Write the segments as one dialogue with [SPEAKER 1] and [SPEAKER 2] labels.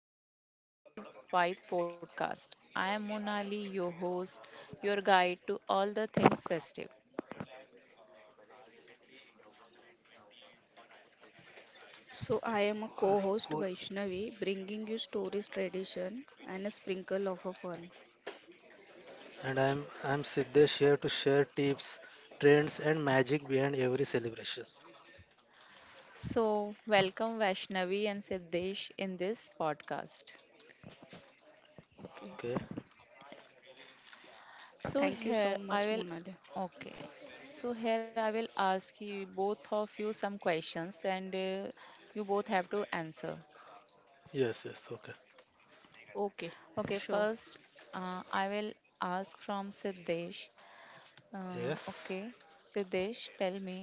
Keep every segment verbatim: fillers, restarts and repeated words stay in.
[SPEAKER 1] to the Festive Vibes podcast. I am Monali, your host, your guide to all the things festive.
[SPEAKER 2] So, I am a co
[SPEAKER 3] Cool.
[SPEAKER 2] host Vaishnavi, bringing you stories, tradition, and a sprinkle of a fun.
[SPEAKER 3] And I'm I'm Siddesh here to share tips, trends, and magic behind every celebrations.
[SPEAKER 1] So, welcome Vaishnavi and Siddesh in this podcast.
[SPEAKER 2] Okay.
[SPEAKER 3] Okay.
[SPEAKER 1] So
[SPEAKER 2] Thank you
[SPEAKER 1] here
[SPEAKER 2] so
[SPEAKER 1] I
[SPEAKER 2] much,
[SPEAKER 1] will
[SPEAKER 2] Monali.
[SPEAKER 1] okay. So here I will ask you both of you some questions and uh, you both have to answer.
[SPEAKER 3] Yes. Yes. Okay.
[SPEAKER 2] Okay,
[SPEAKER 1] Okay,
[SPEAKER 2] sure.
[SPEAKER 1] first uh, I will ask from Siddesh. Uh,
[SPEAKER 3] Yes.
[SPEAKER 1] okay, Siddesh, tell me,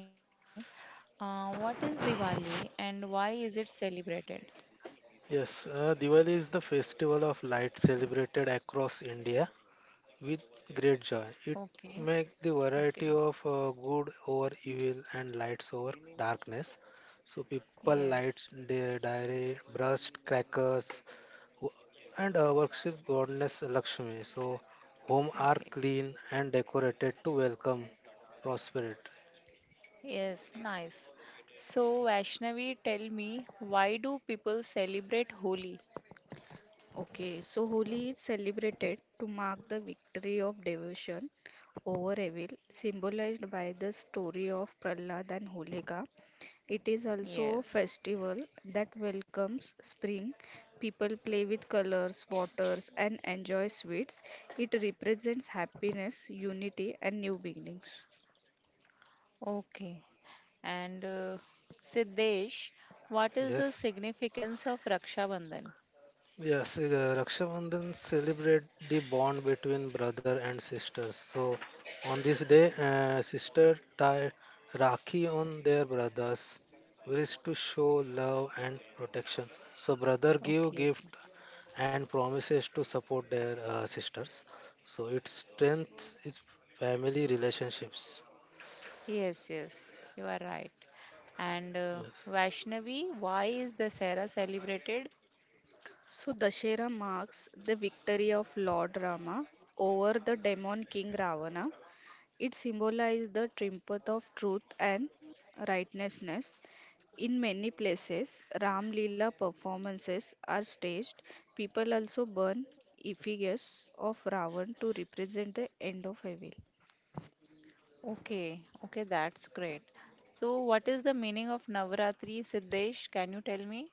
[SPEAKER 1] uh, what is Diwali and why is it celebrated?
[SPEAKER 3] Yes. Uh, Diwali is the festival of light celebrated across India with great joy. It
[SPEAKER 1] Okay,
[SPEAKER 3] makes the variety
[SPEAKER 1] okay,
[SPEAKER 3] of uh, good over evil and lights over darkness. So people lights
[SPEAKER 1] yes,
[SPEAKER 3] their diary, brushed crackers, Wo- and uh, worship goddess Lakshmi. So, home are
[SPEAKER 1] okay,
[SPEAKER 3] clean and decorated to welcome prosperity.
[SPEAKER 1] yes, nice. So, Vaishnavi, tell me, why do people celebrate Holi?
[SPEAKER 2] Okay, so Holi is celebrated to mark the victory of devotion over evil, symbolized by the story of Prahlad and Holika. It is also a
[SPEAKER 1] Yes,
[SPEAKER 2] festival that welcomes spring. People play with colors, waters, and enjoy sweets. It represents happiness, unity, and new beginnings.
[SPEAKER 1] okay. And uh, Siddesh, what is the
[SPEAKER 3] Yes,
[SPEAKER 1] significance of Raksha Bandhan?
[SPEAKER 3] yes. Uh, Rakshabandhan celebrate the bond between brother and sisters. So, on this day, uh, sister tie Rakhi on their brothers, which is to show love and protection. So, brother give
[SPEAKER 1] Okay,
[SPEAKER 3] gift and promises to support their uh, sisters. So it strengthens its family relationships.
[SPEAKER 1] yes, yes, you are right. And uh,
[SPEAKER 3] Yes.
[SPEAKER 1] Vaishnavi, why is Dasera celebrated?
[SPEAKER 2] So, Dashera marks the victory of Lord Rama over the demon king Ravana. It symbolizes the triumph of truth and righteousness. In many places, Ram Lila performances are staged. People also burn effigies of Ravan to represent the end of evil.
[SPEAKER 1] Okay, okay, that's great. So, what is the meaning of Navratri, Siddesh? Can you tell me?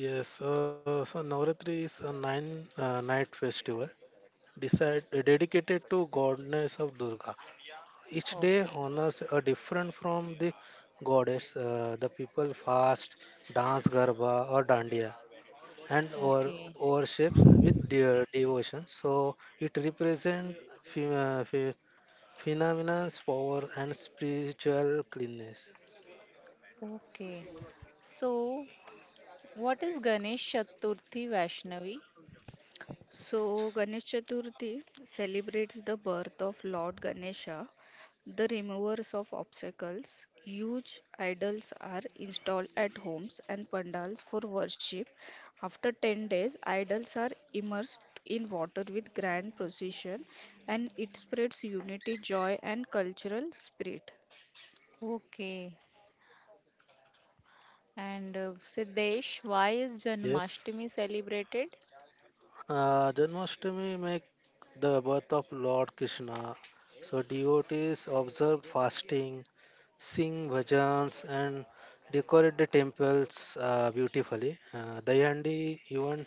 [SPEAKER 3] Yes. Uh, so Navratri is a nine uh, night festival decide, dedicated to goddess of Durga. Each day
[SPEAKER 1] Okay,
[SPEAKER 3] honors a different from the goddess. Uh, the people fast, dance garba or dandiya, and or
[SPEAKER 1] okay,
[SPEAKER 3] worships with de- devotion. So it represents phenomenon, power, and spiritual cleanness.
[SPEAKER 1] okay. So, what is Ganesh Chaturthi, Vaishnavi?
[SPEAKER 2] So, Ganesh Chaturthi celebrates the birth of Lord Ganesha, the removers of obstacles. Huge idols are installed at homes and pandals for worship. After ten days, idols are immersed in water with grand procession, and it spreads unity, joy, and cultural spirit.
[SPEAKER 1] Okay, and uh, Siddesh, why is
[SPEAKER 3] Yes.
[SPEAKER 1] Janmashtami celebrated?
[SPEAKER 3] Uh, Janmashtami make the birth of Lord Krishna. So devotees observe fasting, sing bhajans, and decorate the temples uh, beautifully. Uh, Dayandi even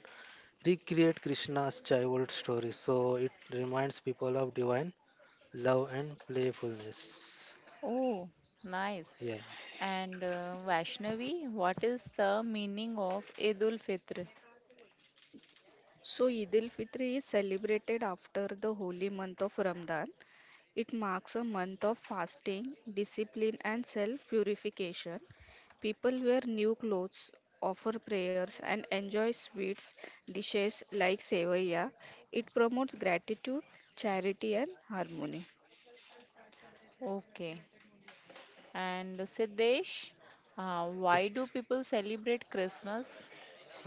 [SPEAKER 3] recreate Krishna's childhood story. So it reminds people of divine love and playfulness.
[SPEAKER 1] Oh, nice.
[SPEAKER 3] Yeah.
[SPEAKER 1] And uh, Vaishnavi, what is the meaning of Eid ul Fitr?
[SPEAKER 2] So, Eid al Fitr is celebrated after the holy month of Ramadan. It marks a month of fasting, discipline, and self purification. People wear new clothes, offer prayers, and enjoy sweets, dishes like sevaya. It promotes gratitude, charity, and harmony.
[SPEAKER 1] Okay. And Siddesh, uh, why
[SPEAKER 3] Yes.
[SPEAKER 1] do people celebrate Christmas?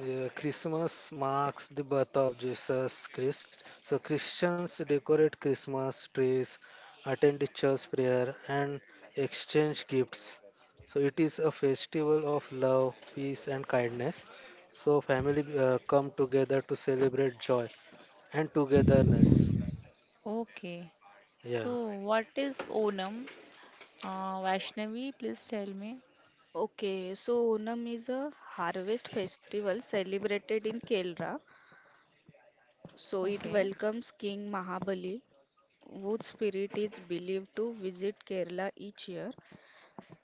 [SPEAKER 3] Yeah, Christmas marks the birth of Jesus Christ. So Christians decorate Christmas trees, attend the church prayer, and exchange gifts. So it is a festival of love, peace, and kindness. So family uh, come together to celebrate joy and togetherness.
[SPEAKER 1] Okay.
[SPEAKER 3] Yeah.
[SPEAKER 1] So, what is Onam? Uh, Vaishnavi, please tell me.
[SPEAKER 2] Okay, so Onam is a harvest festival celebrated in Kerala. So it
[SPEAKER 1] Okay.
[SPEAKER 2] welcomes King Mahabali, whose spirit is believed to visit Kerala each year.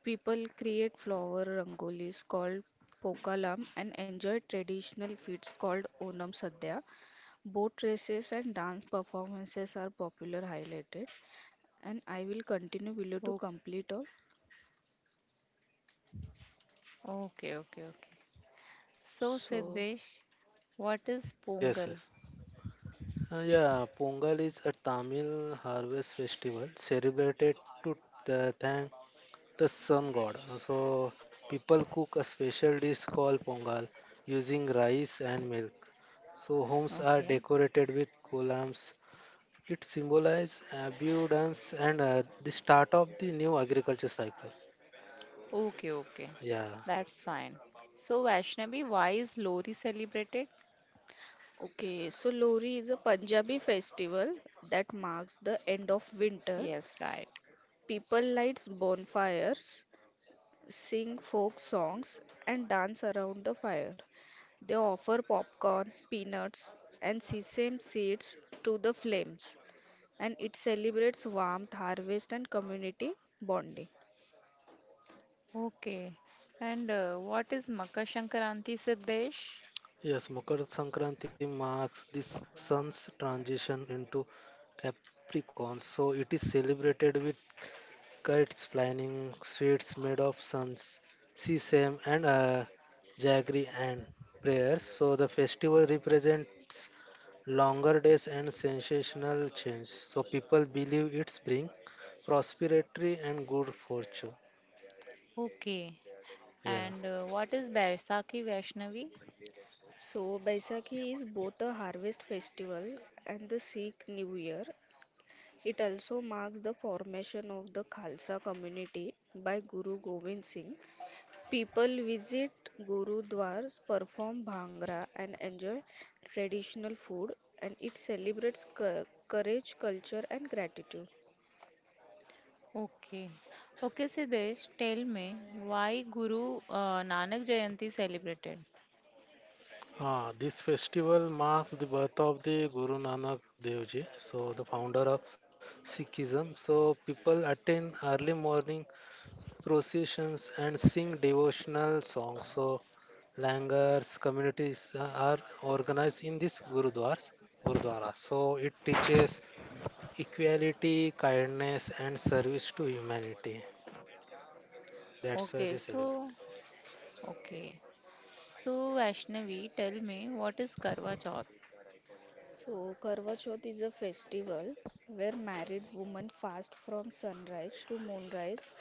[SPEAKER 2] People create flower rangolis called pokalam and enjoy traditional feasts called Onam Sadhya. Boat races and dance performances are popular highlighted. And I will continue below to
[SPEAKER 1] O-
[SPEAKER 2] complete all.
[SPEAKER 1] Okay, okay, okay. So,
[SPEAKER 2] So,
[SPEAKER 1] Siddesh, what is
[SPEAKER 3] Yes, yes.
[SPEAKER 1] Pongal?
[SPEAKER 3] Uh, yeah, Pongal is a Tamil harvest festival celebrated to uh, thank the sun god. So people cook a special dish called pongal using rice and milk. So homes are
[SPEAKER 1] Okay.
[SPEAKER 3] decorated with columns. It symbolizes abundance and uh, the start of the new agriculture cycle.
[SPEAKER 1] Okay, okay.
[SPEAKER 3] Yeah.
[SPEAKER 1] That's fine. So, Vaishnavi, why is Lori celebrated?
[SPEAKER 2] okay, so Lori is a Punjabi festival that marks the end of
[SPEAKER 1] Yes,
[SPEAKER 2] winter.
[SPEAKER 1] right.
[SPEAKER 2] People lights bonfires sing folk songs, and dance around the fire. They offer popcorn, peanuts, and sesame seeds to the flames, and it celebrates warmth, harvest, and community bonding.
[SPEAKER 1] Okay. And uh, what is Makar Sankranti, Siddesh?
[SPEAKER 3] Yes, Makar Sankranti marks the sun's transition into Capricorn. So it is celebrated with kites flying, sweets made of suns, sesame, and uh, jaggery and prayers. So the festival represents longer days and sensational change. So people believe it's bring prosperity and good fortune.
[SPEAKER 1] Okay.
[SPEAKER 3] Yeah.
[SPEAKER 1] And uh, what is Baisakhi, Vaishnavi?
[SPEAKER 2] So, Baisakhi is both a harvest festival and the Sikh New Year. It also marks the formation of the Khalsa community by Guru Gobind Singh. People visit gurudwaras, perform bhangra, and enjoy traditional food, and it celebrates cou- courage, culture, and gratitude.
[SPEAKER 1] Okay. Okay, Siddesh, tell me why Guru uh, Nanak Jayanti celebrated?
[SPEAKER 3] Ah, this festival marks the birth of the Guru Nanak Dev Ji, so the founder of Sikhism. So people attend early morning processions, and sing devotional songs. So, langars communities uh, are organized in this gurudwars, gurudwara. So, it teaches equality, kindness, and service to humanity. That's why
[SPEAKER 1] Okay,
[SPEAKER 3] they celebrate.
[SPEAKER 1] so, okay. So, Vaishnavi, tell me what is Karwa Chauth?
[SPEAKER 2] So, Karva Chauth is a festival where married women fast from sunrise to moonrise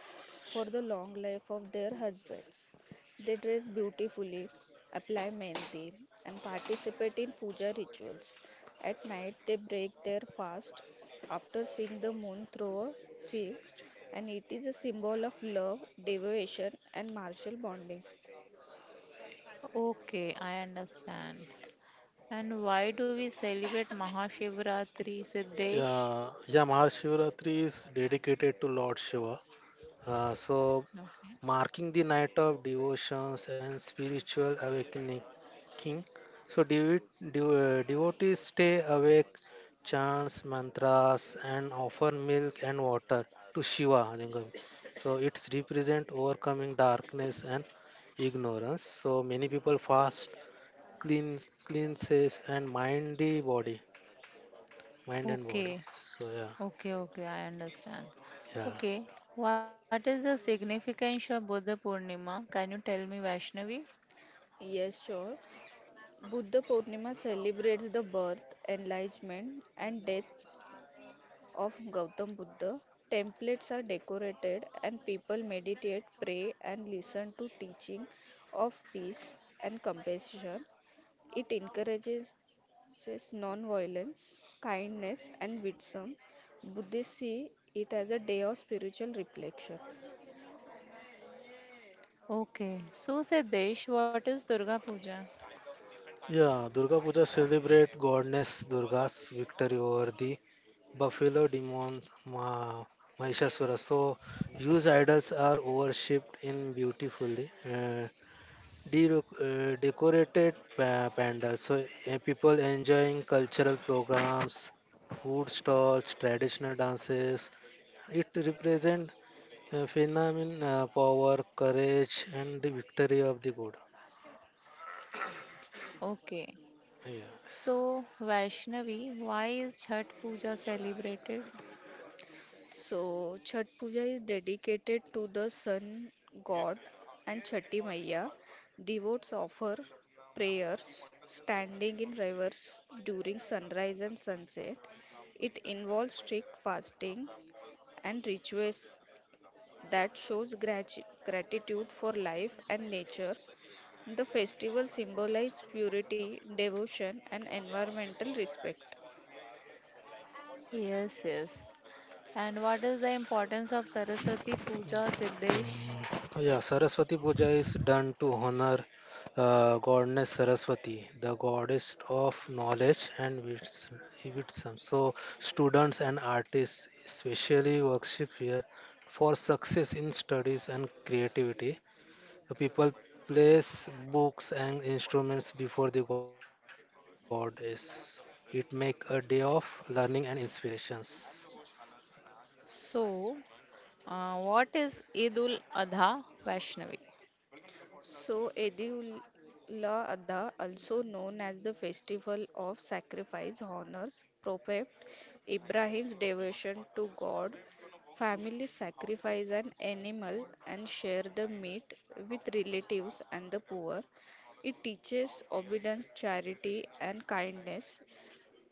[SPEAKER 2] for the long life of their husbands. They dress beautifully, apply mehndi, and participate in puja rituals. At night, they break their fast after seeing the moon through a sieve, and it is a symbol of love, devotion, and martial bonding.
[SPEAKER 1] Okay, I understand. And why do we celebrate Mahashivratri, Siddesh?
[SPEAKER 3] Yeah, yeah, Mahashivratri is dedicated to Lord Shiva. Uh, so,
[SPEAKER 1] Okay.
[SPEAKER 3] marking the night of devotions and spiritual awakening. So, devo- devo- uh, devotees stay awake, chants mantras, and offer milk and water to Shiva Lingam. So, it's represent overcoming darkness and ignorance. So, many people fast, cleanse, cleanses, and mind the body, mind and body.
[SPEAKER 1] Okay,
[SPEAKER 3] So, yeah,
[SPEAKER 1] okay, okay, I understand.
[SPEAKER 3] yeah.
[SPEAKER 1] Okay, what is the significance of Buddha Purnima? Can you tell me, Vaishnavi?
[SPEAKER 2] Yes, sure. Buddha Purnima celebrates the birth, enlightenment, and death of Gautam Buddha. Templates are decorated, and people meditate, pray, and listen to teaching of peace and compassion. It encourages non-violence, kindness, and wisdom. Buddhists see it as a day of spiritual reflection.
[SPEAKER 1] Okay, so Siddesh, what is Durga Puja?
[SPEAKER 3] Yeah, Durga Puja celebrate goddess Durga's victory over the buffalo demon Ma- Mahishasura. So, huge idols are worshipped in beautifully uh, de- uh, decorated pa- pandals. So, uh, people enjoying cultural programs, food stalls, traditional dances. It represents uh, phenomenon, uh, power, courage, and the victory of the good.
[SPEAKER 1] Okay,
[SPEAKER 3] Yes.
[SPEAKER 1] so Vaishnavi, why is Chhat Puja celebrated?
[SPEAKER 2] So, Chhat Puja is dedicated to the sun god and Chhati Maiya. Devotees offer prayers standing in rivers during sunrise and sunset. It involves strict fasting and rituals that shows grati- gratitude for life and nature. The festival symbolizes purity, devotion, and environmental respect.
[SPEAKER 1] Yes, yes. And what is the importance of Saraswati Puja, Siddesh?
[SPEAKER 3] Yeah, Saraswati Puja is done to honor uh, goddess Saraswati, the goddess of knowledge and wits- wisdom. So, students and artists especially worship here for success in studies and creativity. The people place books and instruments before the goddess. It make a day of learning and inspirations.
[SPEAKER 1] So, uh, what is Eidul Adha Vaishnavi?
[SPEAKER 2] So, Edula Adha, also known as the Festival of Sacrifice, honors Prophet Ibrahim's devotion to God. Families sacrifice an animal and share the meat with relatives and the poor. It teaches obedience, charity, and kindness.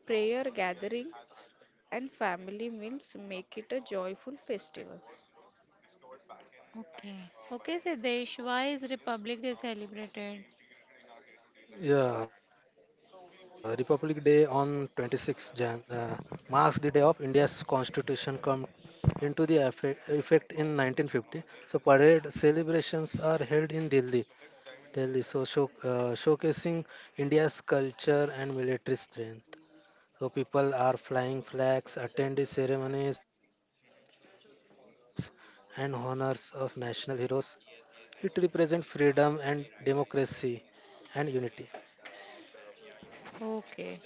[SPEAKER 2] Prayer gatherings and family meals make it a joyful festival.
[SPEAKER 1] Okay. Okay, Siddesh, why is Republic Day celebrated?
[SPEAKER 3] Yeah, Republic Day on twenty-sixth January uh, marks the day of India's constitution come into the effe- effect in nineteen fifty. So parade celebrations are held in Delhi, Delhi. So show, uh, showcasing India's culture and military strength. So people are flying flags, attend the ceremonies and honors of national heroes. It represents freedom and democracy and unity.
[SPEAKER 1] Okay.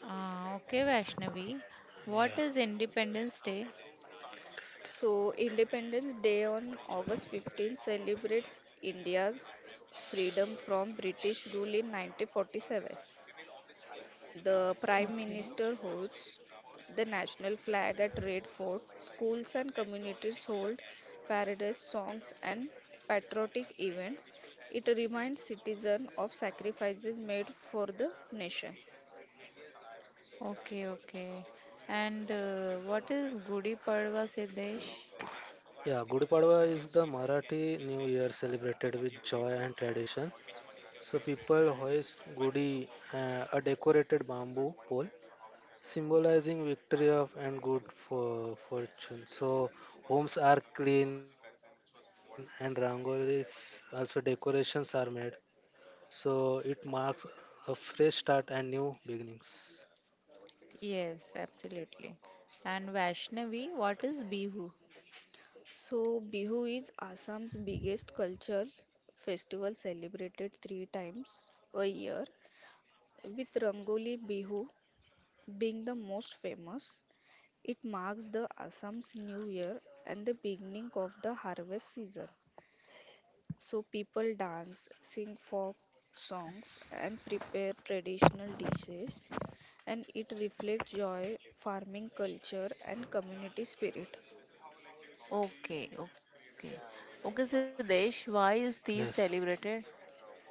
[SPEAKER 1] Uh, okay, Vaishnavi. What is Independence Day?
[SPEAKER 2] So, Independence Day on August fifteenth celebrates India's freedom from British rule in nineteen forty-seven. The Prime
[SPEAKER 1] Okay.
[SPEAKER 2] Minister holds the national flag at Red Fort. Schools and communities hold parades, songs, and patriotic events. It reminds citizens of sacrifices made for the nation.
[SPEAKER 1] Okay, okay. And uh, what is Gudi Padwa, Siddesh?
[SPEAKER 3] Yeah, Gudi Padwa is the Marathi New Year celebrated with joy and tradition. So people hoist Gudi, uh, a decorated bamboo pole, symbolizing victory of and good for fortune. So homes are clean and rangolis, also decorations are made. So it marks a fresh start and new beginnings.
[SPEAKER 1] Yes, absolutely. And Vaishnavi, what is Bihu?
[SPEAKER 2] So, Bihu is Assam's biggest cultural festival celebrated three times a year, with Rangoli Bihu being the most famous. It marks the Assam's new year and the beginning of the harvest season. So, people dance, sing folk songs, and prepare traditional dishes, and it reflects joy, farming culture, and community spirit.
[SPEAKER 1] Okay, okay. Okay, Siddesh, why is these
[SPEAKER 3] Yes.
[SPEAKER 1] celebrated?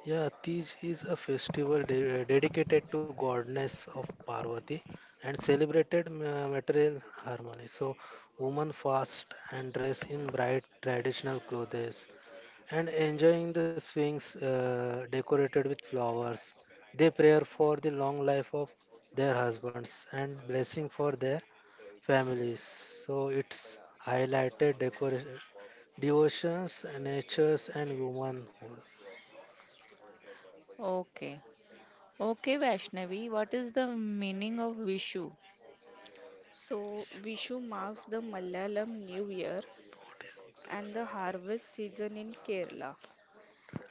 [SPEAKER 3] Yeah, Tej is a festival de- dedicated to goddess of Parvati and celebrated ma- material harmony. So, women fast and dress in bright traditional clothes and enjoying the Sphinx uh, decorated with flowers. They pray for the long life of their husbands and blessing for their families. So, it's highlighted decor- devotions, natures, and womanhood.
[SPEAKER 1] Okay. Okay, Vaishnavi, what is the meaning of Vishu?
[SPEAKER 2] So, Vishu marks the Malayalam New Year and the harvest season in Kerala.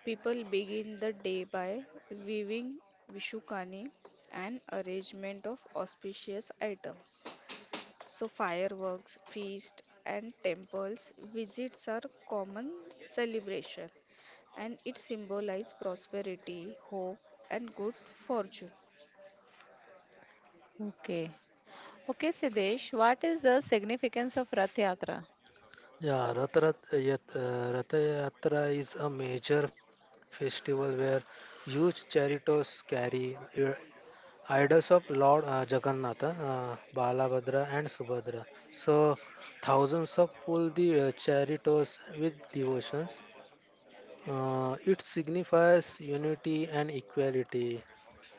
[SPEAKER 2] People begin the day by weaving Vishukani, an arrangement of auspicious items. So, fireworks, feast, and temples visits are common celebration, and it symbolizes prosperity, hope, and good fortune.
[SPEAKER 1] Okay. Okay, Siddesh, what is the significance of Rath Yatra?
[SPEAKER 3] Yeah, Rath Rat, Yat- uh, Rath Yatra is a major festival where huge chariots carry uh, idols of Lord uh, Jagannath, uh, Balabhadra, and Subhadra. So, thousands of pull the uh, chariots with devotions. Uh, it signifies unity and equality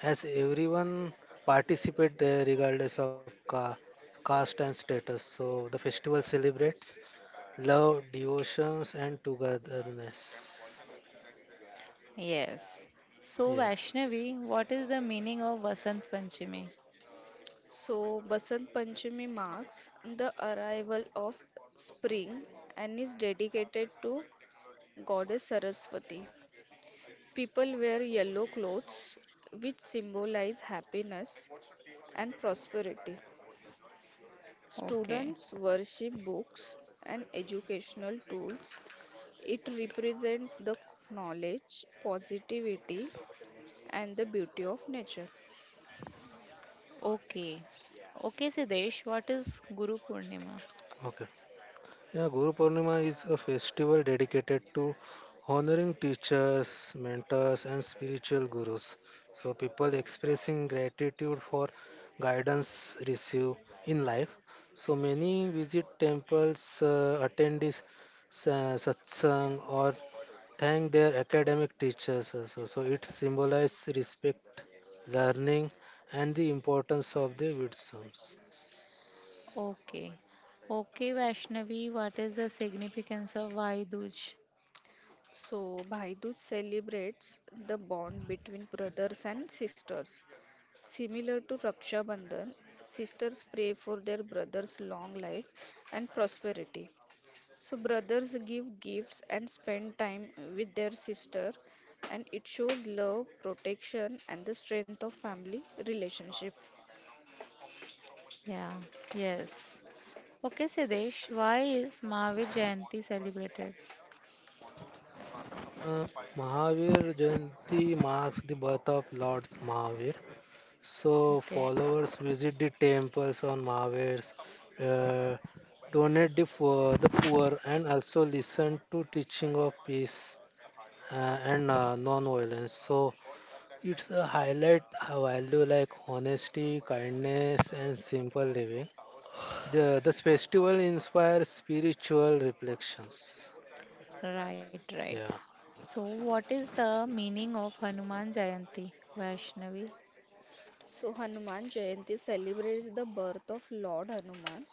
[SPEAKER 3] as everyone participate uh, regardless of ca- caste and status. So the festival celebrates love, devotions, and togetherness.
[SPEAKER 1] Yes. So,
[SPEAKER 3] Yeah.
[SPEAKER 1] Vaishnavi, what is the meaning of Vasant Panchami?
[SPEAKER 2] So, Basant Panchami marks the arrival of spring and is dedicated to goddess Saraswati. People wear yellow clothes, which symbolize happiness and prosperity.
[SPEAKER 1] Okay.
[SPEAKER 2] Students worship books and educational tools. It represents the knowledge, positivity, and the beauty of nature.
[SPEAKER 1] Okay. Okay, Siddesh, what is Guru Purnima?
[SPEAKER 3] Okay. Yeah, Guru Purnima is a festival dedicated to honoring teachers, mentors, and spiritual gurus. So, people expressing gratitude for guidance received in life. So, many visit temples, uh, attend this sa- satsang, or thank their academic teachers also. So, it symbolizes respect, learning, and the importance of the wisdom.
[SPEAKER 1] Okay. Okay, Vaishnavi, what is the significance of Vaiduj?
[SPEAKER 2] So, Bhai Dooj celebrates the bond between brothers and sisters. Similar to Raksha Bandhan, sisters pray for their brother's long life and prosperity. So brothers give gifts and spend time with their sister, and it shows love, protection and the strength of family relationship.
[SPEAKER 1] Yeah. Yes. Okay, Siddesh, why is Mahavir Jayanti celebrated?
[SPEAKER 3] Uh, Mahavir Jayanti marks the birth of Lord Mahavir. So,
[SPEAKER 1] Okay.
[SPEAKER 3] followers visit the temples on Mahavir's, uh, donate the for the poor, and also listen to teaching of peace uh, and uh, non-violence. So, it's a highlight a value like honesty, kindness, and simple living. The this festival inspires spiritual reflections.
[SPEAKER 1] Right, right.
[SPEAKER 3] Yeah.
[SPEAKER 1] So, what is the meaning of Hanuman Jayanti, Vaishnavi?
[SPEAKER 2] So Hanuman Jayanti celebrates the birth of Lord Hanuman,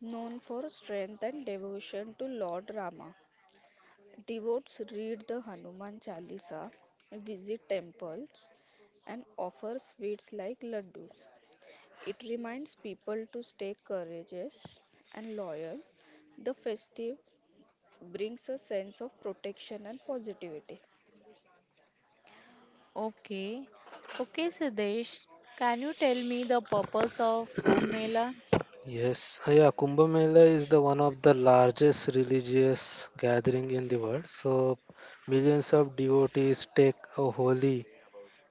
[SPEAKER 2] known for strength and devotion to Lord Rama. Devotees read the Hanuman Chalisa, visit temples and offer sweets like laddus. It reminds people to stay courageous and loyal. The festive brings a sense of protection and positivity.
[SPEAKER 1] Okay. Okay, Siddesh, can you tell me the purpose of Kumbh Mela?
[SPEAKER 3] Yes, uh, yeah, Kumbh Mela is the one of the largest religious gathering in the world. So millions of devotees take a holy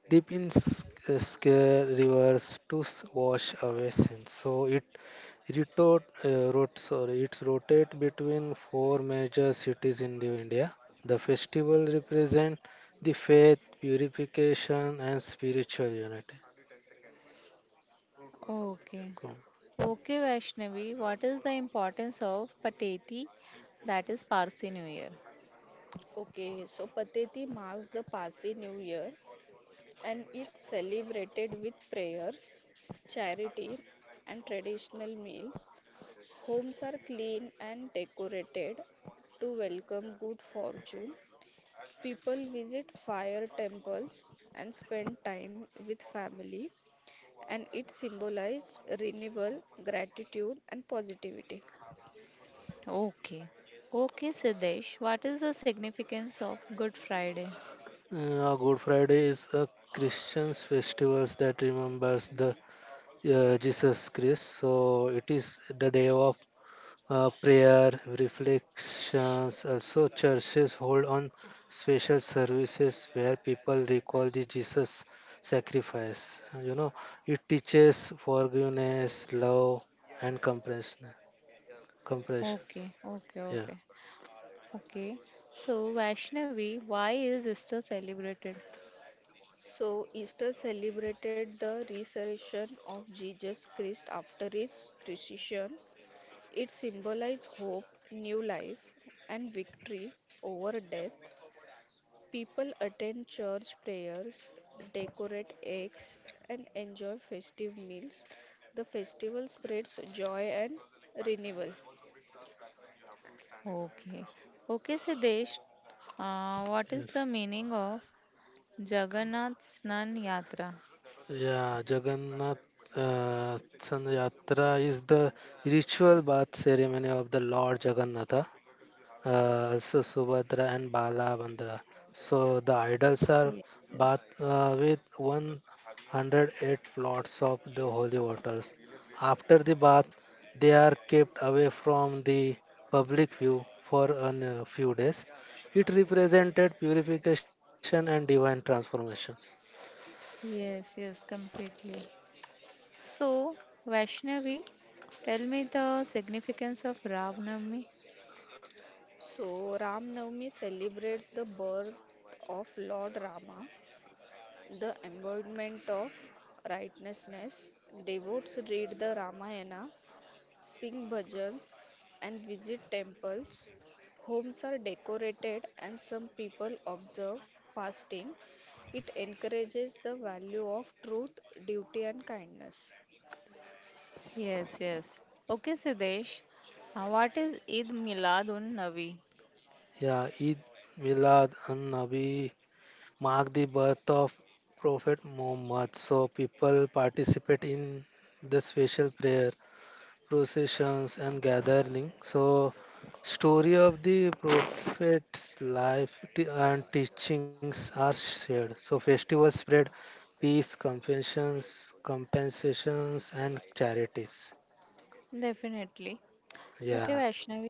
[SPEAKER 3] dip in s- uh, scare rivers to s- wash away sins. So it rotate, uh, rot, sorry, it rotate between four major cities in the India. The festival represent the faith, purification, and spiritual unity.
[SPEAKER 1] Okay.
[SPEAKER 3] Cool.
[SPEAKER 1] Okay, Vaishnavi, what is the importance of Pateti? That is Parsi New Year.
[SPEAKER 2] Okay, so Pateti marks the Parsi New Year, and it's celebrated with prayers, charity, and traditional meals. Homes are clean and decorated to welcome good fortune. People visit fire temples and spend time with family, and it symbolized renewal, gratitude, and positivity.
[SPEAKER 1] Okay. Okay, Siddesh, what is the significance of Good Friday?
[SPEAKER 3] Uh, Good Friday is a Christian's festivals that remembers the uh, Jesus Christ. So it is the day of uh, prayer, reflections. Also, churches hold on special services where people recall the Jesus sacrifice. Uh, You know, it teaches forgiveness, love, and compassion. Compassion.
[SPEAKER 1] Okay, okay,
[SPEAKER 3] Yeah.
[SPEAKER 1] okay. Okay. So, Vaishnavi, why is Easter celebrated?
[SPEAKER 2] So, Easter celebrated the resurrection of Jesus Christ after his crucifixion. It symbolized hope, new life, and victory over death. People attend church prayers, decorate eggs, and enjoy festive meals. The festival spreads joy and renewal.
[SPEAKER 1] Okay. Okay, Siddesh, uh, what is
[SPEAKER 3] Yes.
[SPEAKER 1] the meaning of Jagannath Snan Yatra?
[SPEAKER 3] Yeah, Jagannath uh, San Yatra is the ritual bath ceremony of the Lord Jagannatha, uh, so Subhadra and Balabhadra. So the idols are
[SPEAKER 1] Yes,
[SPEAKER 3] bathed uh, with one hundred eight plots of the holy waters. After the bath, they are kept away from the public view for a few days. It represented purification and divine transformation.
[SPEAKER 1] yes, yes, completely. So, Vaishnavi, tell me the significance of Rav Navami.
[SPEAKER 2] So, Ram Navami celebrates the birth of Lord Rama, the embodiment of righteousness. Devotees read the Ramayana, sing bhajans, and visit temples. Homes are decorated, and some people observe fasting. It encourages the value of truth, duty, and kindness.
[SPEAKER 1] Yes, yes. Okay, Siddesh, uh, what is Eid Miladun Nabi?
[SPEAKER 3] Yeah, Eid Milad and Nabi mark the birth of Prophet Muhammad. So people participate in the special prayer, processions, and gathering. So story of the Prophet's life t- and teachings are shared. So festivals spread peace, compassions, compensations, and charities.
[SPEAKER 1] Definitely.
[SPEAKER 3] Yeah.
[SPEAKER 1] Okay, Vaishnavi,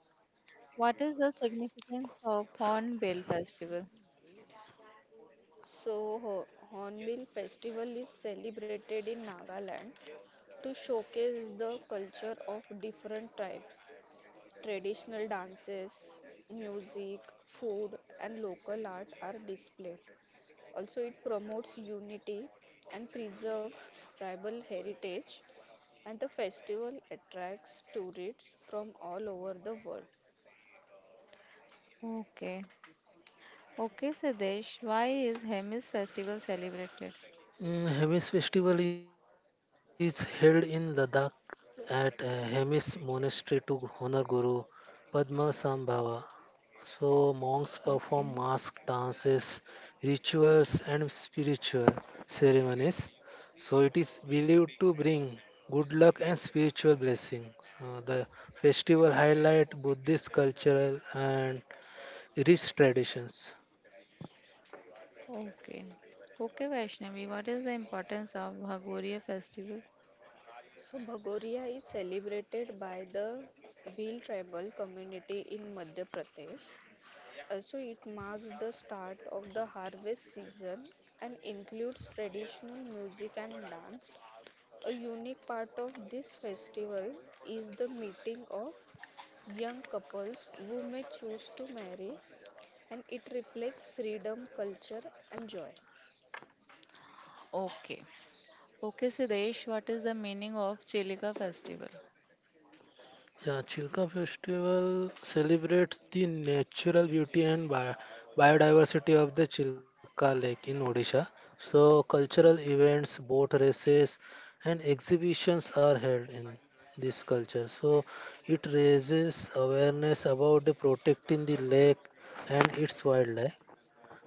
[SPEAKER 1] what is the significance of Hornbill Festival?
[SPEAKER 2] So, Ho- Hornbill Festival is celebrated in Nagaland to showcase the culture of different tribes. Traditional dances, music, food, and local art are displayed. Also, it promotes unity and preserves tribal heritage, and the festival attracts tourists from all over the world.
[SPEAKER 1] Okay. Okay, Sadesh, why is Hemis festival celebrated?
[SPEAKER 3] Mm, Hemis festival is held in Ladakh at uh, Hemis monastery to honor Guru Padma Sambhava. So monks perform mask
[SPEAKER 1] Okay,
[SPEAKER 3] dances, rituals, and spiritual ceremonies. So it is believed to bring good luck and spiritual blessings. So the festival highlight Buddhist cultural and rich traditions.
[SPEAKER 1] okay. Okay, Vaishnavi, what is the importance of Bhagoriya festival?
[SPEAKER 2] So, Bhagoria is celebrated by the Bhil tribal community in Madhya Pradesh. Also, it marks the start of the harvest season and includes traditional music and dance. A unique part of this festival is the meeting of young couples who may choose to marry, and it reflects freedom, culture, and joy.
[SPEAKER 1] Okay. Okay, Sidesh, what is the meaning of Chilika festival?
[SPEAKER 3] Yeah, Chilka Festival celebrates the natural beauty and bi- biodiversity of the Chilka Lake in Odisha. So, cultural events, boat races, and exhibitions are held in this culture. So, it raises awareness about the protecting the lake and its wildlife.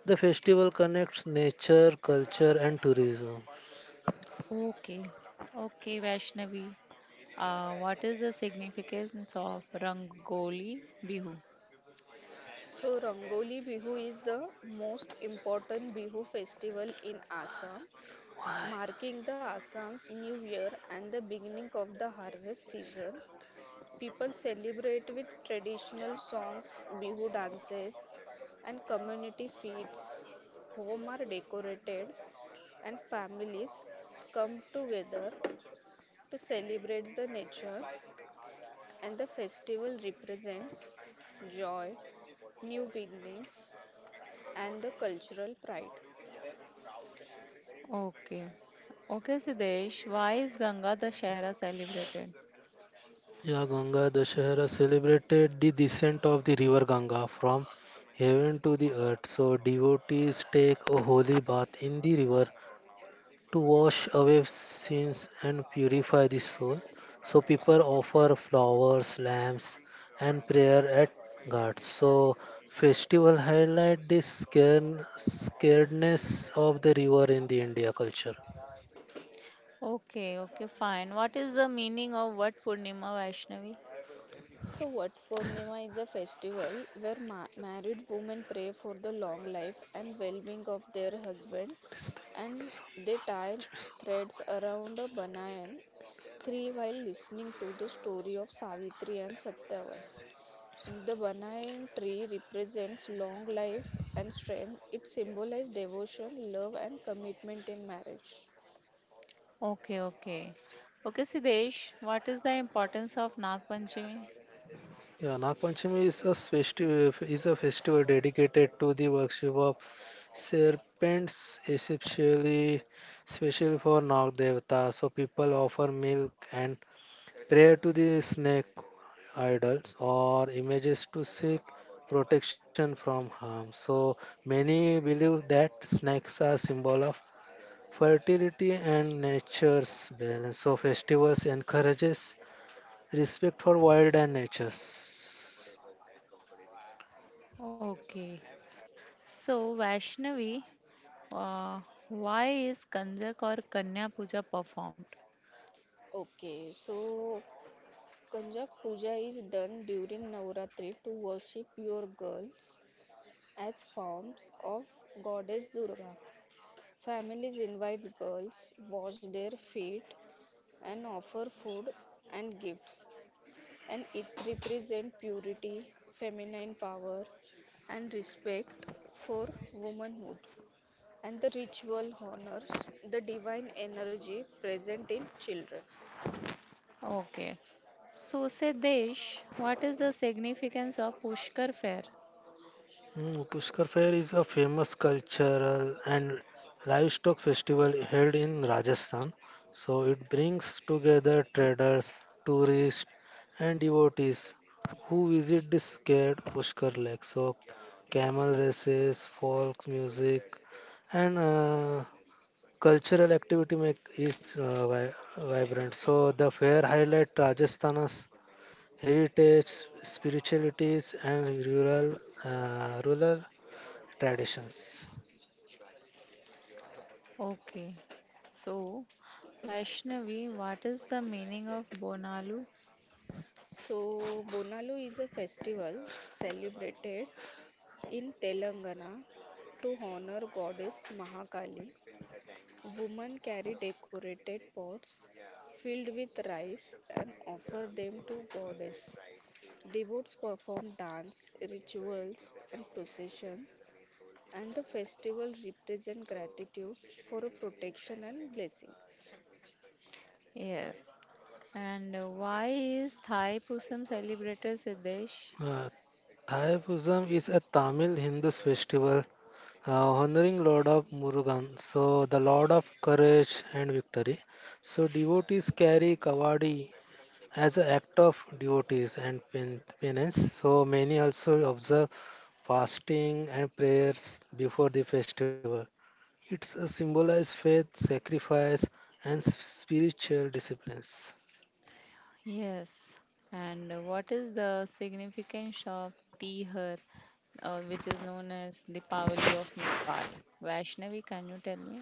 [SPEAKER 3] The festival connects nature, culture, and tourism.
[SPEAKER 1] Okay. Okay, Vaishnavi, uh, what is the significance of Rangoli Bihu?
[SPEAKER 2] So, Rangoli Bihu is the most important Bihu festival in Assam,
[SPEAKER 3] Why?
[SPEAKER 2] marking the Assam's new year and the beginning of the harvest season. People celebrate with traditional songs, bihu dances, and community feasts. Homes are decorated, and families come together to celebrate the nature. And the festival represents joy, new beginnings, and the cultural pride.
[SPEAKER 1] Okay. Okay, Sidesh, why is Ganga Dashera celebrated?
[SPEAKER 3] Yeah, Ganga Dashahara celebrated the descent of the river Ganga from heaven to the earth. So, devotees take a holy bath in the river to wash away sins and purify the soul. So, people offer flowers, lamps, and prayer at Ghats. So, festival highlight the scare- scaredness of the river in the India culture.
[SPEAKER 1] Okay, okay, fine. What is the meaning of what Purnima Vaishnavi?
[SPEAKER 2] So, what Purnima is a festival where ma- married women pray for the long life and well being of their husband,
[SPEAKER 3] What is
[SPEAKER 2] and they tie
[SPEAKER 3] that?
[SPEAKER 2] threads around a banyan tree while listening to the story of Savitri and Satyavan. The banyan tree represents long life and strength, it symbolizes devotion, love, and commitment in marriage.
[SPEAKER 1] Okay, okay. Okay, Siddesh, what is the importance of Nag Panchami?
[SPEAKER 3] Yeah, Nagpanchami is a festival. is a festival dedicated to the worship of serpents, especially special for Nag Devata. So people offer milk and prayer to the snake idols or images to seek protection from harm. So many believe that snakes are symbol of fertility and nature's balance. So festivals encourages respect for wild and nature.
[SPEAKER 1] Okay. So, Vaishnavi, uh, why is Kanjak or Kanya Puja performed?
[SPEAKER 2] Okay, so Kanjak Puja is done during Navratri to worship your girls as forms of goddess Durga. Families invite girls, wash their feet, and offer food and gifts. And it represents purity, feminine power, and respect for womanhood. And the ritual honors the divine energy present in children.
[SPEAKER 1] Okay. So, Siddesh, what is the significance of Pushkar fair?
[SPEAKER 3] Mm, Pushkar Fair is a famous cultural and livestock festival held in Rajasthan. So it brings together traders, tourists, and devotees who visit the sacred Pushkar Lake. So camel races, folk music, and uh, cultural activity make it uh, vi- vibrant. So the fair highlight Rajasthan's heritage, spiritualities, and rural uh, rural traditions.
[SPEAKER 1] Okay. So, Vaishnavi, what is the meaning of Bonalu?
[SPEAKER 2] So, Bonalu is a festival celebrated in Telangana to honor goddess Mahakali. Women carry decorated pots filled with rice and offer them to goddess. Devotees perform dance, rituals, and processions, and the festival represent gratitude for protection and blessings.
[SPEAKER 1] Yes. And uh, why is Thai Pusam celebrated, Siddesh?
[SPEAKER 3] Uh, Thai Pusam is a Tamil Hindu festival uh, honoring Lord of Murugan, so the Lord of Courage and Victory. So devotees carry kavadi as an act of devotees and pen- penance. So many also observe fasting and prayers before the festival. It's a symbolized faith, sacrifice, and s- spiritual disciplines.
[SPEAKER 1] Yes. And uh, what is the significance of Tihar, uh, which is known as the Pavali of Nepal? Vaishnavi, can you tell me?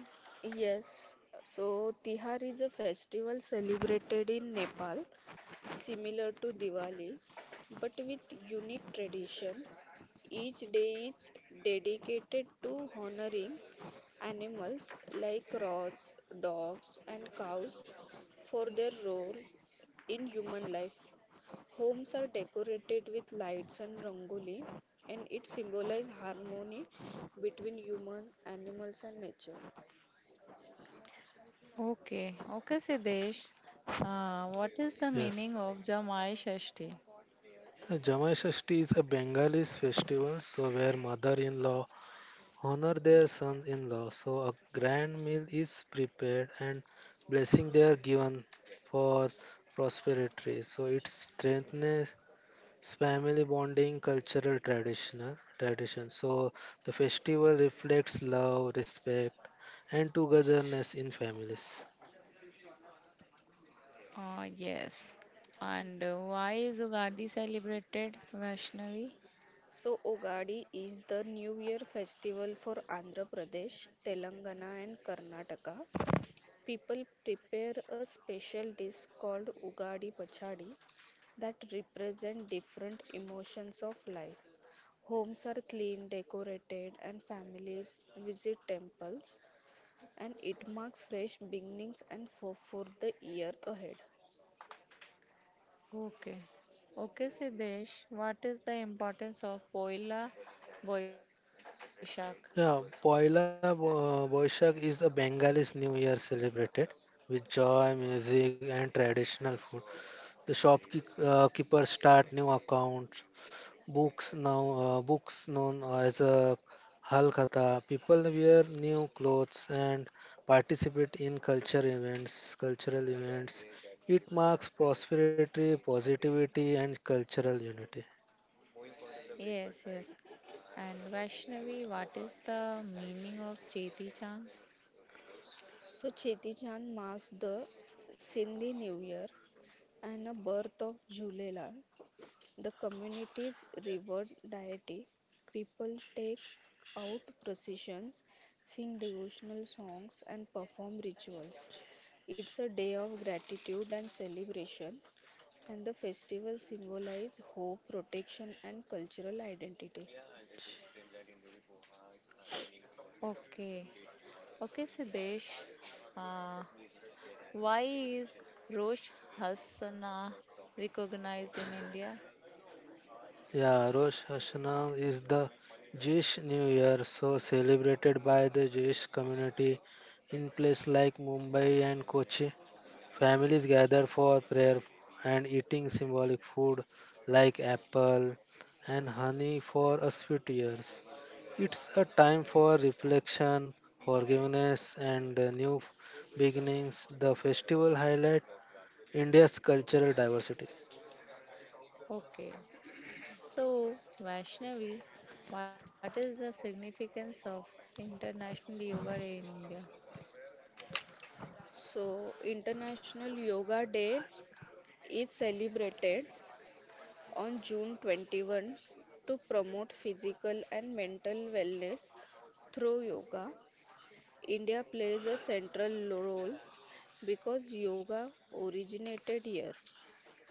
[SPEAKER 2] Yes, so Tihar is a festival celebrated in Nepal similar to Diwali but with unique tradition. Each day is dedicated to honoring animals like rats, dogs, and cows for their role in human life. Homes are decorated with lights and rangoli, and it symbolizes harmony between human, animals, and nature.
[SPEAKER 1] Okay. Okay, Siddesh. Uh, what is the
[SPEAKER 3] Yes.
[SPEAKER 1] meaning of Jamai Shashti?
[SPEAKER 3] Uh, Jamai Shashti is a Bengali festival, so where mother-in-law honor their son-in-law. So a grand meal is prepared and blessing they are given for prosperity. So it strengthens family bonding, cultural traditional tradition. So the festival reflects love, respect, and togetherness in families.
[SPEAKER 1] Uh, yes. And uh, why is Ugadi celebrated, Vaishnavi?
[SPEAKER 2] So, Ugadi is the New Year festival for Andhra Pradesh, Telangana, and Karnataka. People prepare a special dish called Ugadi Pachadi that represent different emotions of life. Homes are clean, decorated, and families visit temples, and it marks fresh beginnings and hope for the year ahead.
[SPEAKER 1] Okay. Okay, Siddesh, what is the importance of Poila Boishak?
[SPEAKER 3] Yeah, Poila Bo- Boishakh is a Bengalis New Year celebrated with joy, music, and traditional food. The shopkeepers start new accounts, books now uh, books known as a halkata. People wear new clothes and participate in culture events, cultural events. It marks prosperity, positivity, and cultural unity.
[SPEAKER 1] Yes, yes. And Vaishnavi, what is the meaning of Cheti Chand?
[SPEAKER 2] So, Cheti Chand marks the Sindhi New Year and the birth of Julelal. The communities revere deity, people take out processions, sing devotional songs, and perform rituals. It's a day of gratitude and celebration, and the festival symbolizes hope, protection, and cultural identity.
[SPEAKER 1] Okay. Okay, Siddesh. Uh, why is Rosh Hashanah recognized in India?
[SPEAKER 3] Yeah, Rosh Hashanah is the Jewish New Year, so celebrated by the Jewish community in places like Mumbai and Kochi. Families gather for prayer and eating symbolic food like apple and honey for a sweet years. It's a time for reflection, forgiveness, and uh, new beginnings. The festival highlight India's cultural diversity.
[SPEAKER 1] Okay. So, Vaishnavi, what is the significance of International Yoga Day in India?
[SPEAKER 2] So, International Yoga Day is celebrated on June twenty-first to promote physical and mental wellness through yoga. India plays a central role because yoga originated here.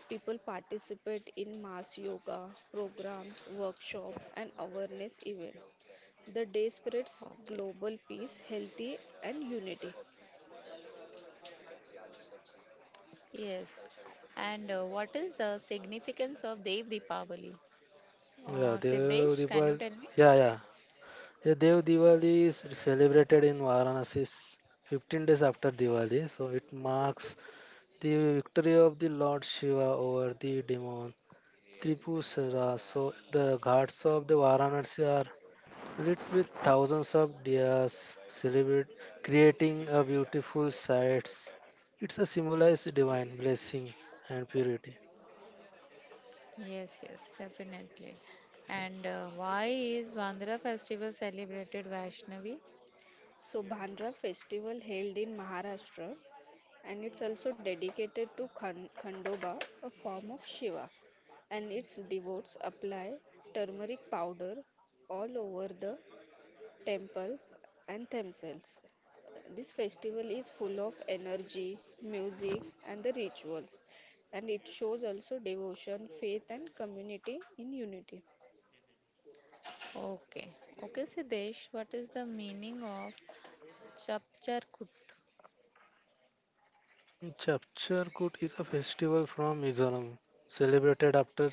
[SPEAKER 2] People participate in mass yoga programs, workshops, and awareness events. The
[SPEAKER 1] Okay.
[SPEAKER 2] day spreads global peace, healthy, and unity.
[SPEAKER 1] Yes. And uh, what is the significance of Dev Deepavali? Uh,
[SPEAKER 3] Yeah,
[SPEAKER 1] Siddesh,
[SPEAKER 3] Dev
[SPEAKER 1] can you tell
[SPEAKER 3] Deepal.
[SPEAKER 1] me?
[SPEAKER 3] Yeah, yeah. Yeah, Dev Diwali is celebrated in Varanasi s- fifteen days after Diwali, so it marks the victory of the Lord Shiva over the demon Tripura. So the ghats of the Varanasi are lit with thousands of diyas, celebrate creating a beautiful sights. It's a symbolized divine blessing and purity.
[SPEAKER 1] Yes, yes, definitely. And uh, why is Vandra festival celebrated Vaishnavi?
[SPEAKER 2] So, Bhandra festival held in Maharashtra, and it's also dedicated to Khan- Khandoba, a form of Shiva, and its devotees apply turmeric powder all over the temple, and themselves. This festival is full of energy, music, and the rituals, and it shows also devotion, faith, and community in unity.
[SPEAKER 1] Okay. Okay, Siddesh, what is the meaning of Chapcharkut?
[SPEAKER 3] Mm, Chapchar Kut is a festival from Mizoram, celebrated after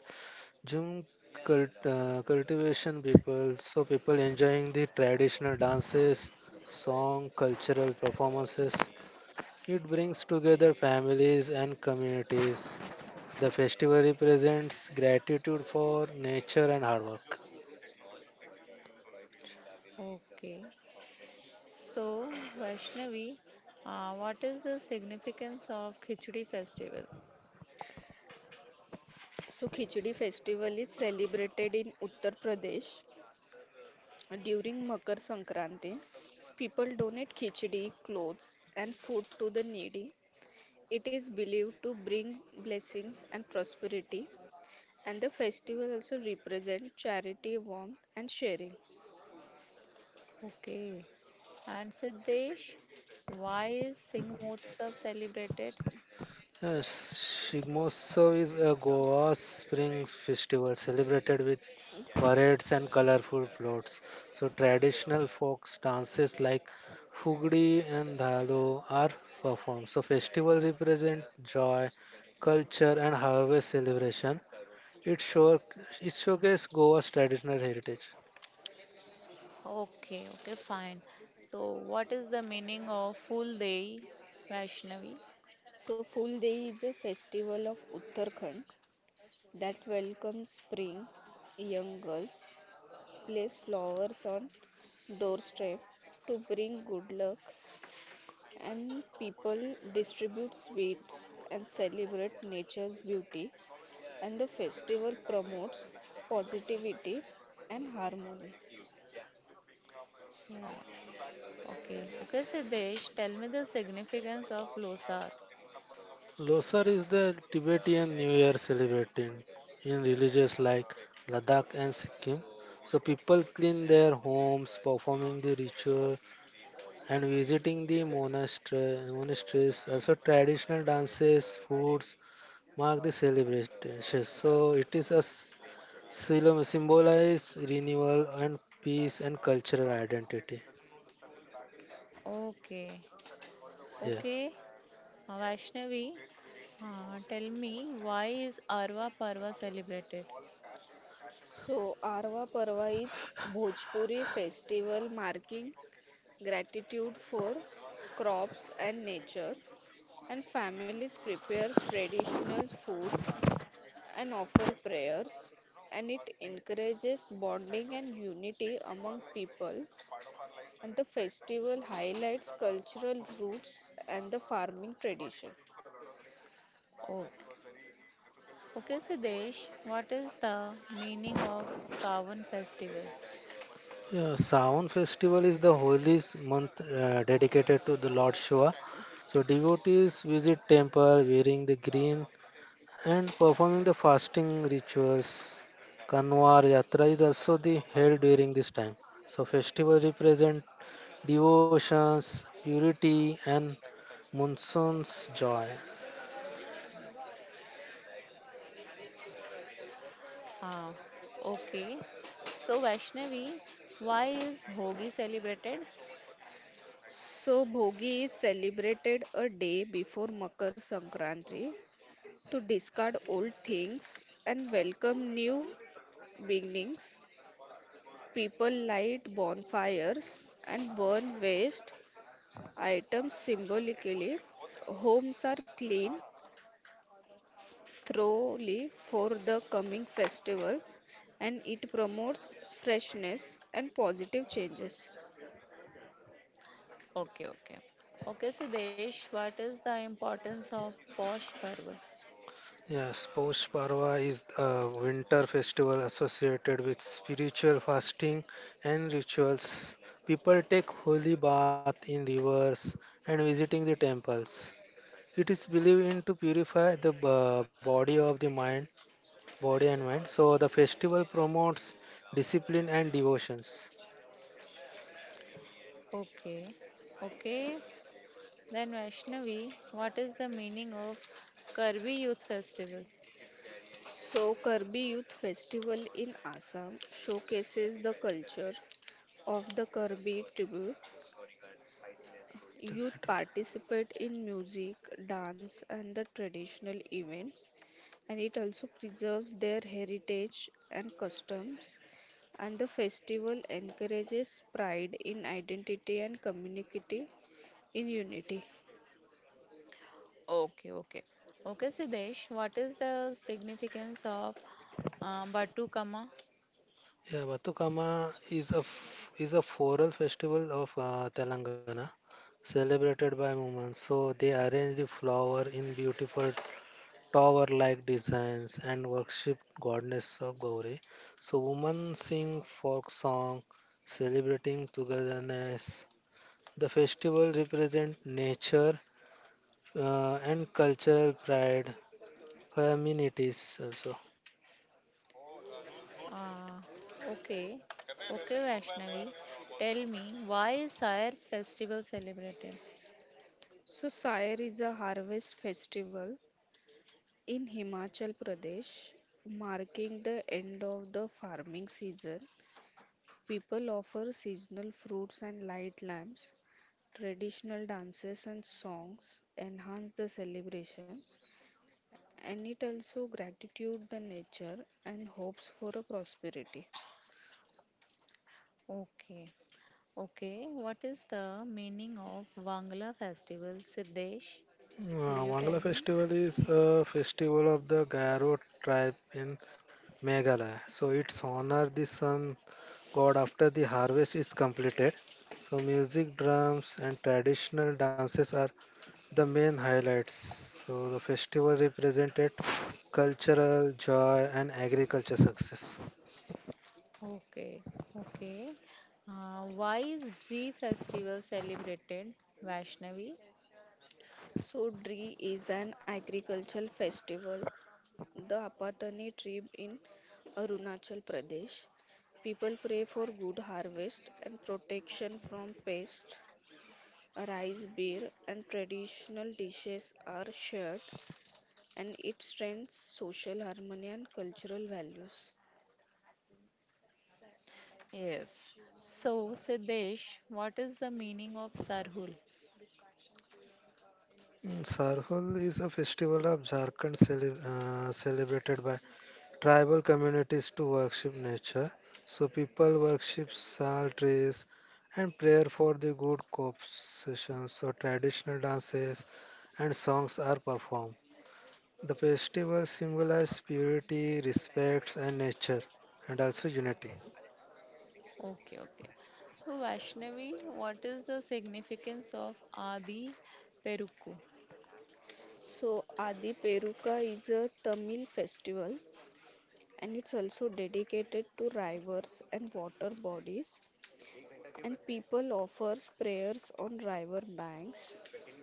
[SPEAKER 3] Jhum cult, uh, cultivation people, so people enjoying the traditional dances, song, cultural performances. It brings together families and communities. The festival represents gratitude for nature and hard work.
[SPEAKER 1] Okay. So, Vaishnavi, uh, what is the significance of Khichdi festival?
[SPEAKER 2] So, Khichdi festival is celebrated in Uttar Pradesh during Makar Sankranti. People donate khichdi, clothes, and food to the needy. It is believed to bring blessings and prosperity, and the festival also represents charity, warmth, and sharing.
[SPEAKER 1] Okay. And Siddesh, why is Singh Motsav celebrated?
[SPEAKER 3] Uh, Shigmotsav is a Goa's spring festival celebrated with parades and colorful floats. So traditional folk dances like Fugdi and Dhalo are performed. So festival represent joy, culture and harvest celebration. It show it showcases Goa's traditional heritage.
[SPEAKER 1] Okay, okay, fine. So, what is the meaning of Full Day Vaishnavi?
[SPEAKER 2] So, Full Day is a festival of Uttarakhand that welcomes spring. Young girls place flowers on doorstep to bring good luck, and people distribute sweets and celebrate nature's beauty. And the festival promotes positivity and harmony.
[SPEAKER 1] Yeah. Okay, okay, Siddesh, tell me the significance of Losar.
[SPEAKER 3] Losar is the Tibetan New Year celebrated in religions like Ladakh and Sikkim. So people clean their homes, performing the ritual and visiting the monastery, monasteries. Also traditional dances, foods mark the celebration. So it is a s- symbol- symbolize renewal and peace and cultural identity.
[SPEAKER 1] Okay,
[SPEAKER 3] Yeah.
[SPEAKER 1] okay, uh, Vaishnavi, uh, tell me why is Arva Parva celebrated?
[SPEAKER 2] So, Arva Parva is Bhojpuri festival marking gratitude for crops and nature, and families prepares traditional food and offer prayers, and it encourages bonding and unity among people, and the festival highlights cultural roots and the farming tradition.
[SPEAKER 1] Okay, okay, Siddesh, what is the meaning of Sawan festival?
[SPEAKER 3] Yeah, Sawan festival is the holiest month uh, dedicated to the Lord Shiva. So devotees visit temple wearing the green and performing the fasting rituals. Kanwar Yatra is also the held during this time. So festival represent devotions, purity and monsoon's joy.
[SPEAKER 1] Ah, okay. So, Vaishnavi, why is Bhogi celebrated?
[SPEAKER 2] So bhogi is celebrated a day before makar sankranti to discard old things and welcome new beginnings. People light bonfires and burn waste items symbolically. Homes are clean thoroughly for the coming festival, and it promotes freshness and positive changes.
[SPEAKER 1] Okay, okay. Okay, Siddesh, what is the importance of Posh Parva?
[SPEAKER 3] Yes, Poush Parva is a winter festival associated with spiritual fasting and rituals. People take holy bath in rivers and visiting the temples. It is believed in to purify the b- body of the mind, body and mind. So the festival promotes discipline and devotions.
[SPEAKER 1] Okay, okay. Then, Vaishnavi, what is the meaning of Karbi Youth Festival?
[SPEAKER 2] So, Kirby Youth Festival in Assam showcases the culture of the Kirby tribe. Youth participate in music, dance, and the traditional events, and it also preserves their heritage and customs. And the festival encourages pride in identity and community in unity.
[SPEAKER 1] Okay, okay. Okay, Siddesh, what is the significance of uh, Batu Kama?
[SPEAKER 3] Yeah, Batukama is a f- is a floral festival of uh, Telangana, celebrated by women. So they arrange the flower in beautiful tower-like designs and worship goddess of Gauri. So women sing folk song, celebrating togetherness. The festival represent nature uh, and cultural pride, feminities also.
[SPEAKER 1] Ah, okay. Okay, Vaishnavi. Tell me, why is Sire festival celebrated?
[SPEAKER 2] So Sair is a harvest festival in Himachal Pradesh, marking the end of the farming season. People offer seasonal fruits and light lamps, traditional dances and songs enhance the celebration, and it also gratitude the nature and hopes for a prosperity.
[SPEAKER 1] Okay. Okay. What is the meaning of Wangla festival, Siddesh?
[SPEAKER 3] Uh,
[SPEAKER 1] Will you
[SPEAKER 3] Wangla
[SPEAKER 1] tell me?
[SPEAKER 3] festival is a festival of the Garo tribe in Meghalaya. So it's honor the sun god after the harvest is completed. So music, drums, and traditional dances are the main highlights. So the festival represented cultural joy and agriculture success.
[SPEAKER 1] Okay. Okay. Uh, why is Bri festival celebrated, Vaishnavi?
[SPEAKER 2] So Dri is an agricultural festival. The Apatani tribe in Arunachal Pradesh. People pray for good harvest and protection from pests. Rice, beer, and traditional dishes are shared, and it strengthens social harmony and cultural values.
[SPEAKER 1] Yes. So, Siddesh, what is the meaning of Sarhul?
[SPEAKER 3] Mm, Sarhul is a festival of Jharkhand cele- uh, celebrated by tribal communities to worship nature. So people worship sal trees and prayer for the good cop sessions. So traditional dances and songs are performed. The festival symbolize purity, respect, and nature, and also unity.
[SPEAKER 1] Okay, okay. So, Vaishnavi, what is the significance of Adi Perukku?
[SPEAKER 2] So, Adi Peruka is a Tamil festival, and it's also dedicated to rivers and water bodies, and people offers prayers on river banks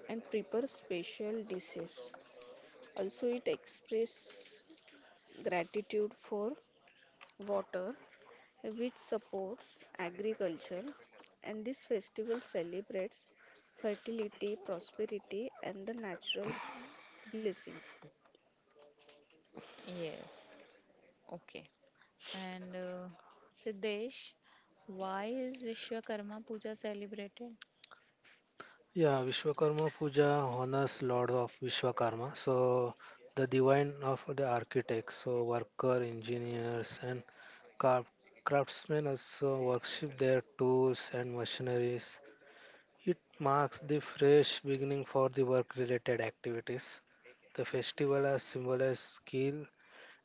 [SPEAKER 2] and prepare special dishes. Also, it expresses gratitude for water, which supports agriculture, and this festival celebrates fertility, prosperity, and the natural blessings.
[SPEAKER 1] Yes, okay. And uh, Siddesh, why is Vishwakarma Puja celebrated?
[SPEAKER 3] Yeah, Vishwakarma Puja honors Lord of Vishwakarma, so the divine of the architects, so worker, engineers, and Craft- craftsmen also worship their tools and machineries. It marks the fresh beginning for the work related activities. The festival has symbolized skill,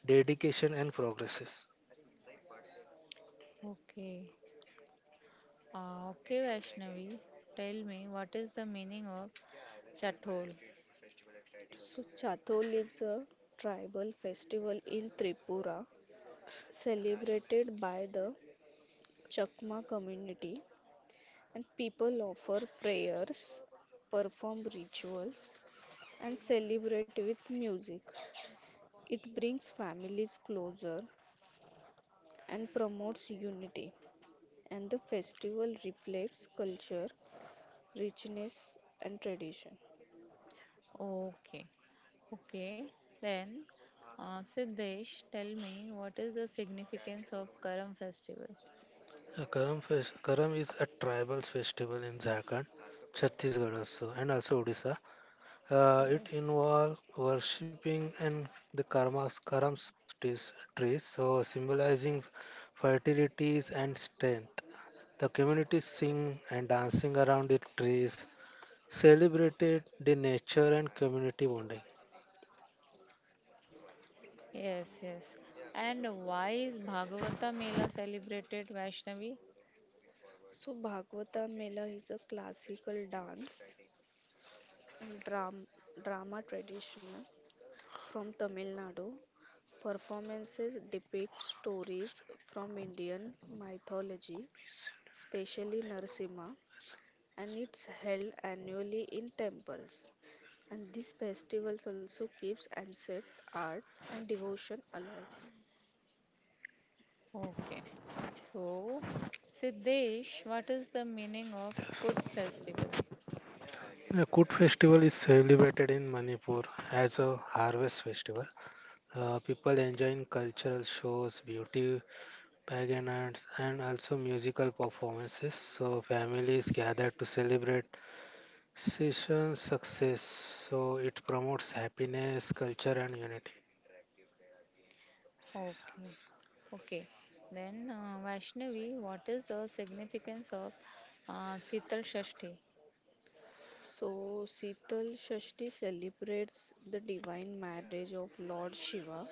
[SPEAKER 3] dedication, and progresses.
[SPEAKER 1] Okay, uh, okay, Vaishnavi, tell me what is the meaning of Chathol?
[SPEAKER 2] So, Chathol is a tribal festival in Tripura celebrated by the Chakma community, and people offer prayers, perform rituals, and celebrate with music. It brings families closer and promotes unity, and the festival reflects culture, richness, and tradition.
[SPEAKER 1] Okay, okay. Then, uh, Siddesh, tell me what is the significance of Karam festival?
[SPEAKER 3] Uh, Karam, fes- Karam is a tribal festival in Jharkhand, Chhattisgarh also, and also Odisha. Uh, it
[SPEAKER 1] Yes.
[SPEAKER 3] involves worshipping and the karmas, Karam's trees, trees, so symbolizing fertilities and strength. The community sing and dancing around the trees celebrated the nature and community bonding.
[SPEAKER 1] Yes, yes. And why is Bhagavata Mela celebrated Vaishnavi?
[SPEAKER 2] So, Bhagavata Mela is a classical dance and dram- drama tradition from Tamil Nadu. Performances depict stories from Indian mythology, especially Narasimha, and it's held annually in temples. And these festivals also keeps ancient art and devotion alive.
[SPEAKER 1] Okay. So, Siddesh, what is the meaning of Kut festival?
[SPEAKER 3] A Kut festival is celebrated in Manipur as a harvest festival. Uh, people enjoying cultural shows, beauty pageants, and also musical performances. So families gather to celebrate season success. So it promotes happiness, culture, and unity.
[SPEAKER 1] Okay. Okay. Then, uh, Vaishnavi, what is the significance of uh, Sital Shashti?
[SPEAKER 2] So Sital Shashti celebrates the divine marriage of Lord Shiva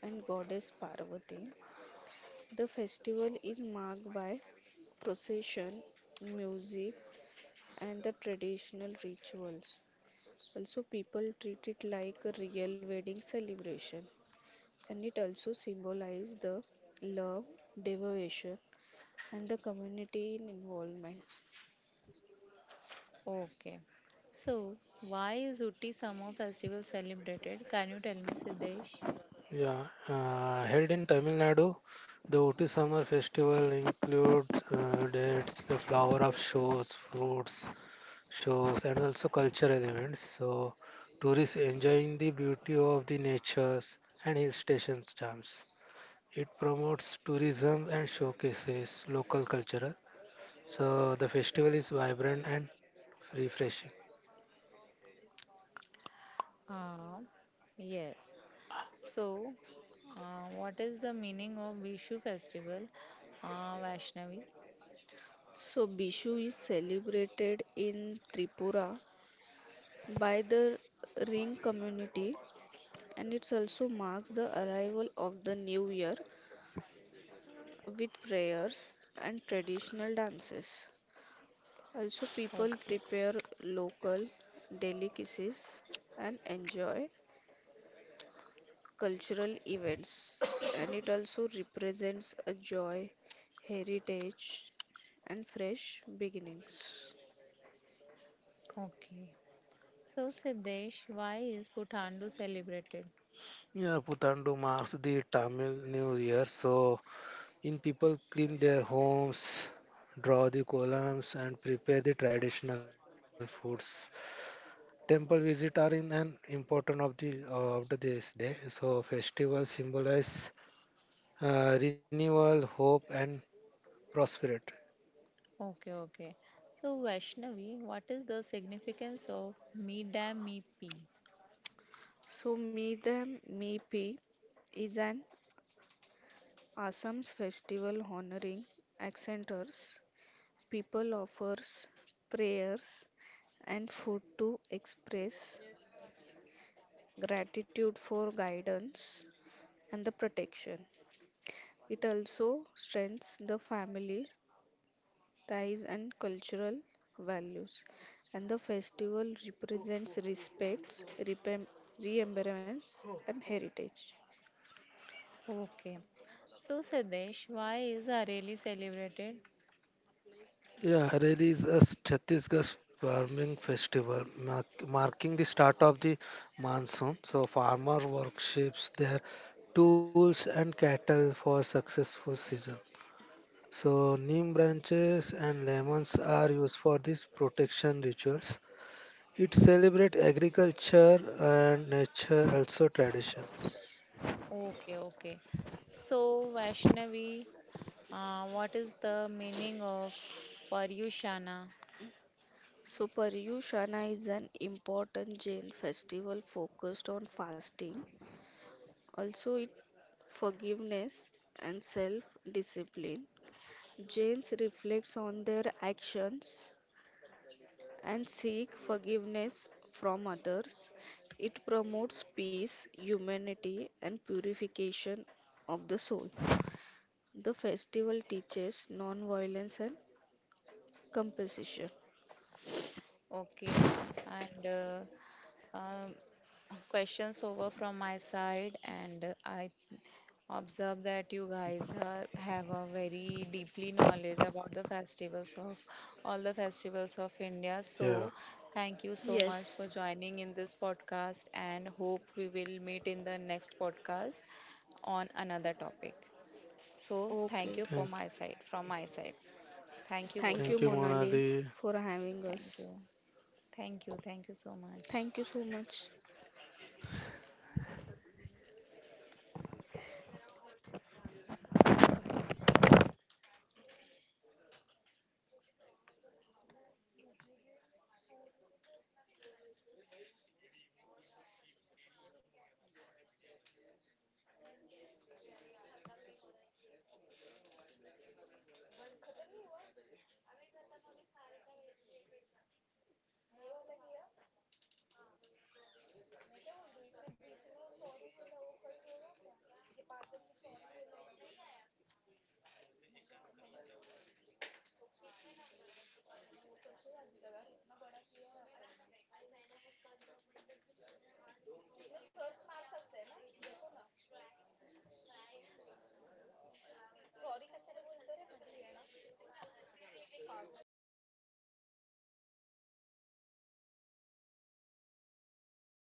[SPEAKER 2] and goddess Parvati. The festival is marked by procession, music, and the traditional rituals. Also, people treat it like a real wedding celebration, and it also symbolizes the love, devotion, and the community involvement.
[SPEAKER 1] Okay. So, why is Utti Samo festival celebrated? Can you tell me, Siddesh?
[SPEAKER 3] Yeah, uh, Held in Tamil Nadu, the Ooty Summer Festival includes uh, dates, the flower of shows, fruits shows, and also cultural events. So, tourists enjoying the beauty of the natures and hill stations charms. It promotes tourism and showcases local culture. So, the festival is vibrant and refreshing.
[SPEAKER 1] Uh, yes. So, uh, what is the meaning of Vishu festival, uh, Vaishnavi?
[SPEAKER 2] So, Bishu is celebrated in Tripura by the Ring community, and it also marks the arrival of the new year with prayers and traditional dances. Also, people
[SPEAKER 1] Okay,
[SPEAKER 2] prepare local delicacies and enjoy cultural events, and it also represents a joy, heritage, and fresh beginnings.
[SPEAKER 1] okay. So, Siddesh, why is Puthandu celebrated?
[SPEAKER 3] Yeah, Putandu marks the Tamil New Year. So, in people clean their homes, draw the columns, and prepare the traditional foods. Temple visit are in an important of the uh, of the this day. So festivals symbolize uh, renewal, hope, and prosperity.
[SPEAKER 1] Okay, okay. So, Vaishnavi, what is the significance of Me Dam Me P?
[SPEAKER 2] So, Meedam Meepi is an Assam's festival honoring accenters. People offers prayers and food to express gratitude for guidance and the protection. It also strengthens the family ties and cultural values. And the festival represents respects, repem- remembrance, and heritage.
[SPEAKER 1] Okay. So, Siddesh, why is Areli celebrated?
[SPEAKER 3] Yeah, Hareli is a s- Chhattisgarh farming festival mark- marking the start of the monsoon. So farmer worships their tools and cattle for successful season. So, neem branches and lemons are used for these protection rituals. It celebrates agriculture and nature, also traditions.
[SPEAKER 1] Okay, okay. So, Vaishnavi, uh, what is the meaning of Paryushana?
[SPEAKER 2] So, Paryushana is an important Jain festival focused on fasting, also it forgiveness and self-discipline. Jains reflects on their actions and seek forgiveness from others. It promotes peace, humanity, and purification of the soul. The festival teaches non-violence and compassion.
[SPEAKER 1] Okay, and uh, um, questions over from my side, and uh, I observe that you guys are, have a very deeply knowledge about the festivals of all the festivals of India. So,
[SPEAKER 3] Yeah.
[SPEAKER 1] thank you so much for
[SPEAKER 2] Yes.
[SPEAKER 1] joining in this podcast, and hope we will meet in the next podcast on another topic. So, thank
[SPEAKER 2] Okay.
[SPEAKER 1] you for
[SPEAKER 3] Thank,
[SPEAKER 1] my side, from my side. Thank you both
[SPEAKER 2] Thank you,
[SPEAKER 1] of
[SPEAKER 3] thank
[SPEAKER 1] you.
[SPEAKER 3] you,
[SPEAKER 2] Monali,
[SPEAKER 3] Monali.
[SPEAKER 2] for having
[SPEAKER 1] Thank
[SPEAKER 2] us.
[SPEAKER 1] you. Thank you. Thank you so much.
[SPEAKER 2] Thank you so much.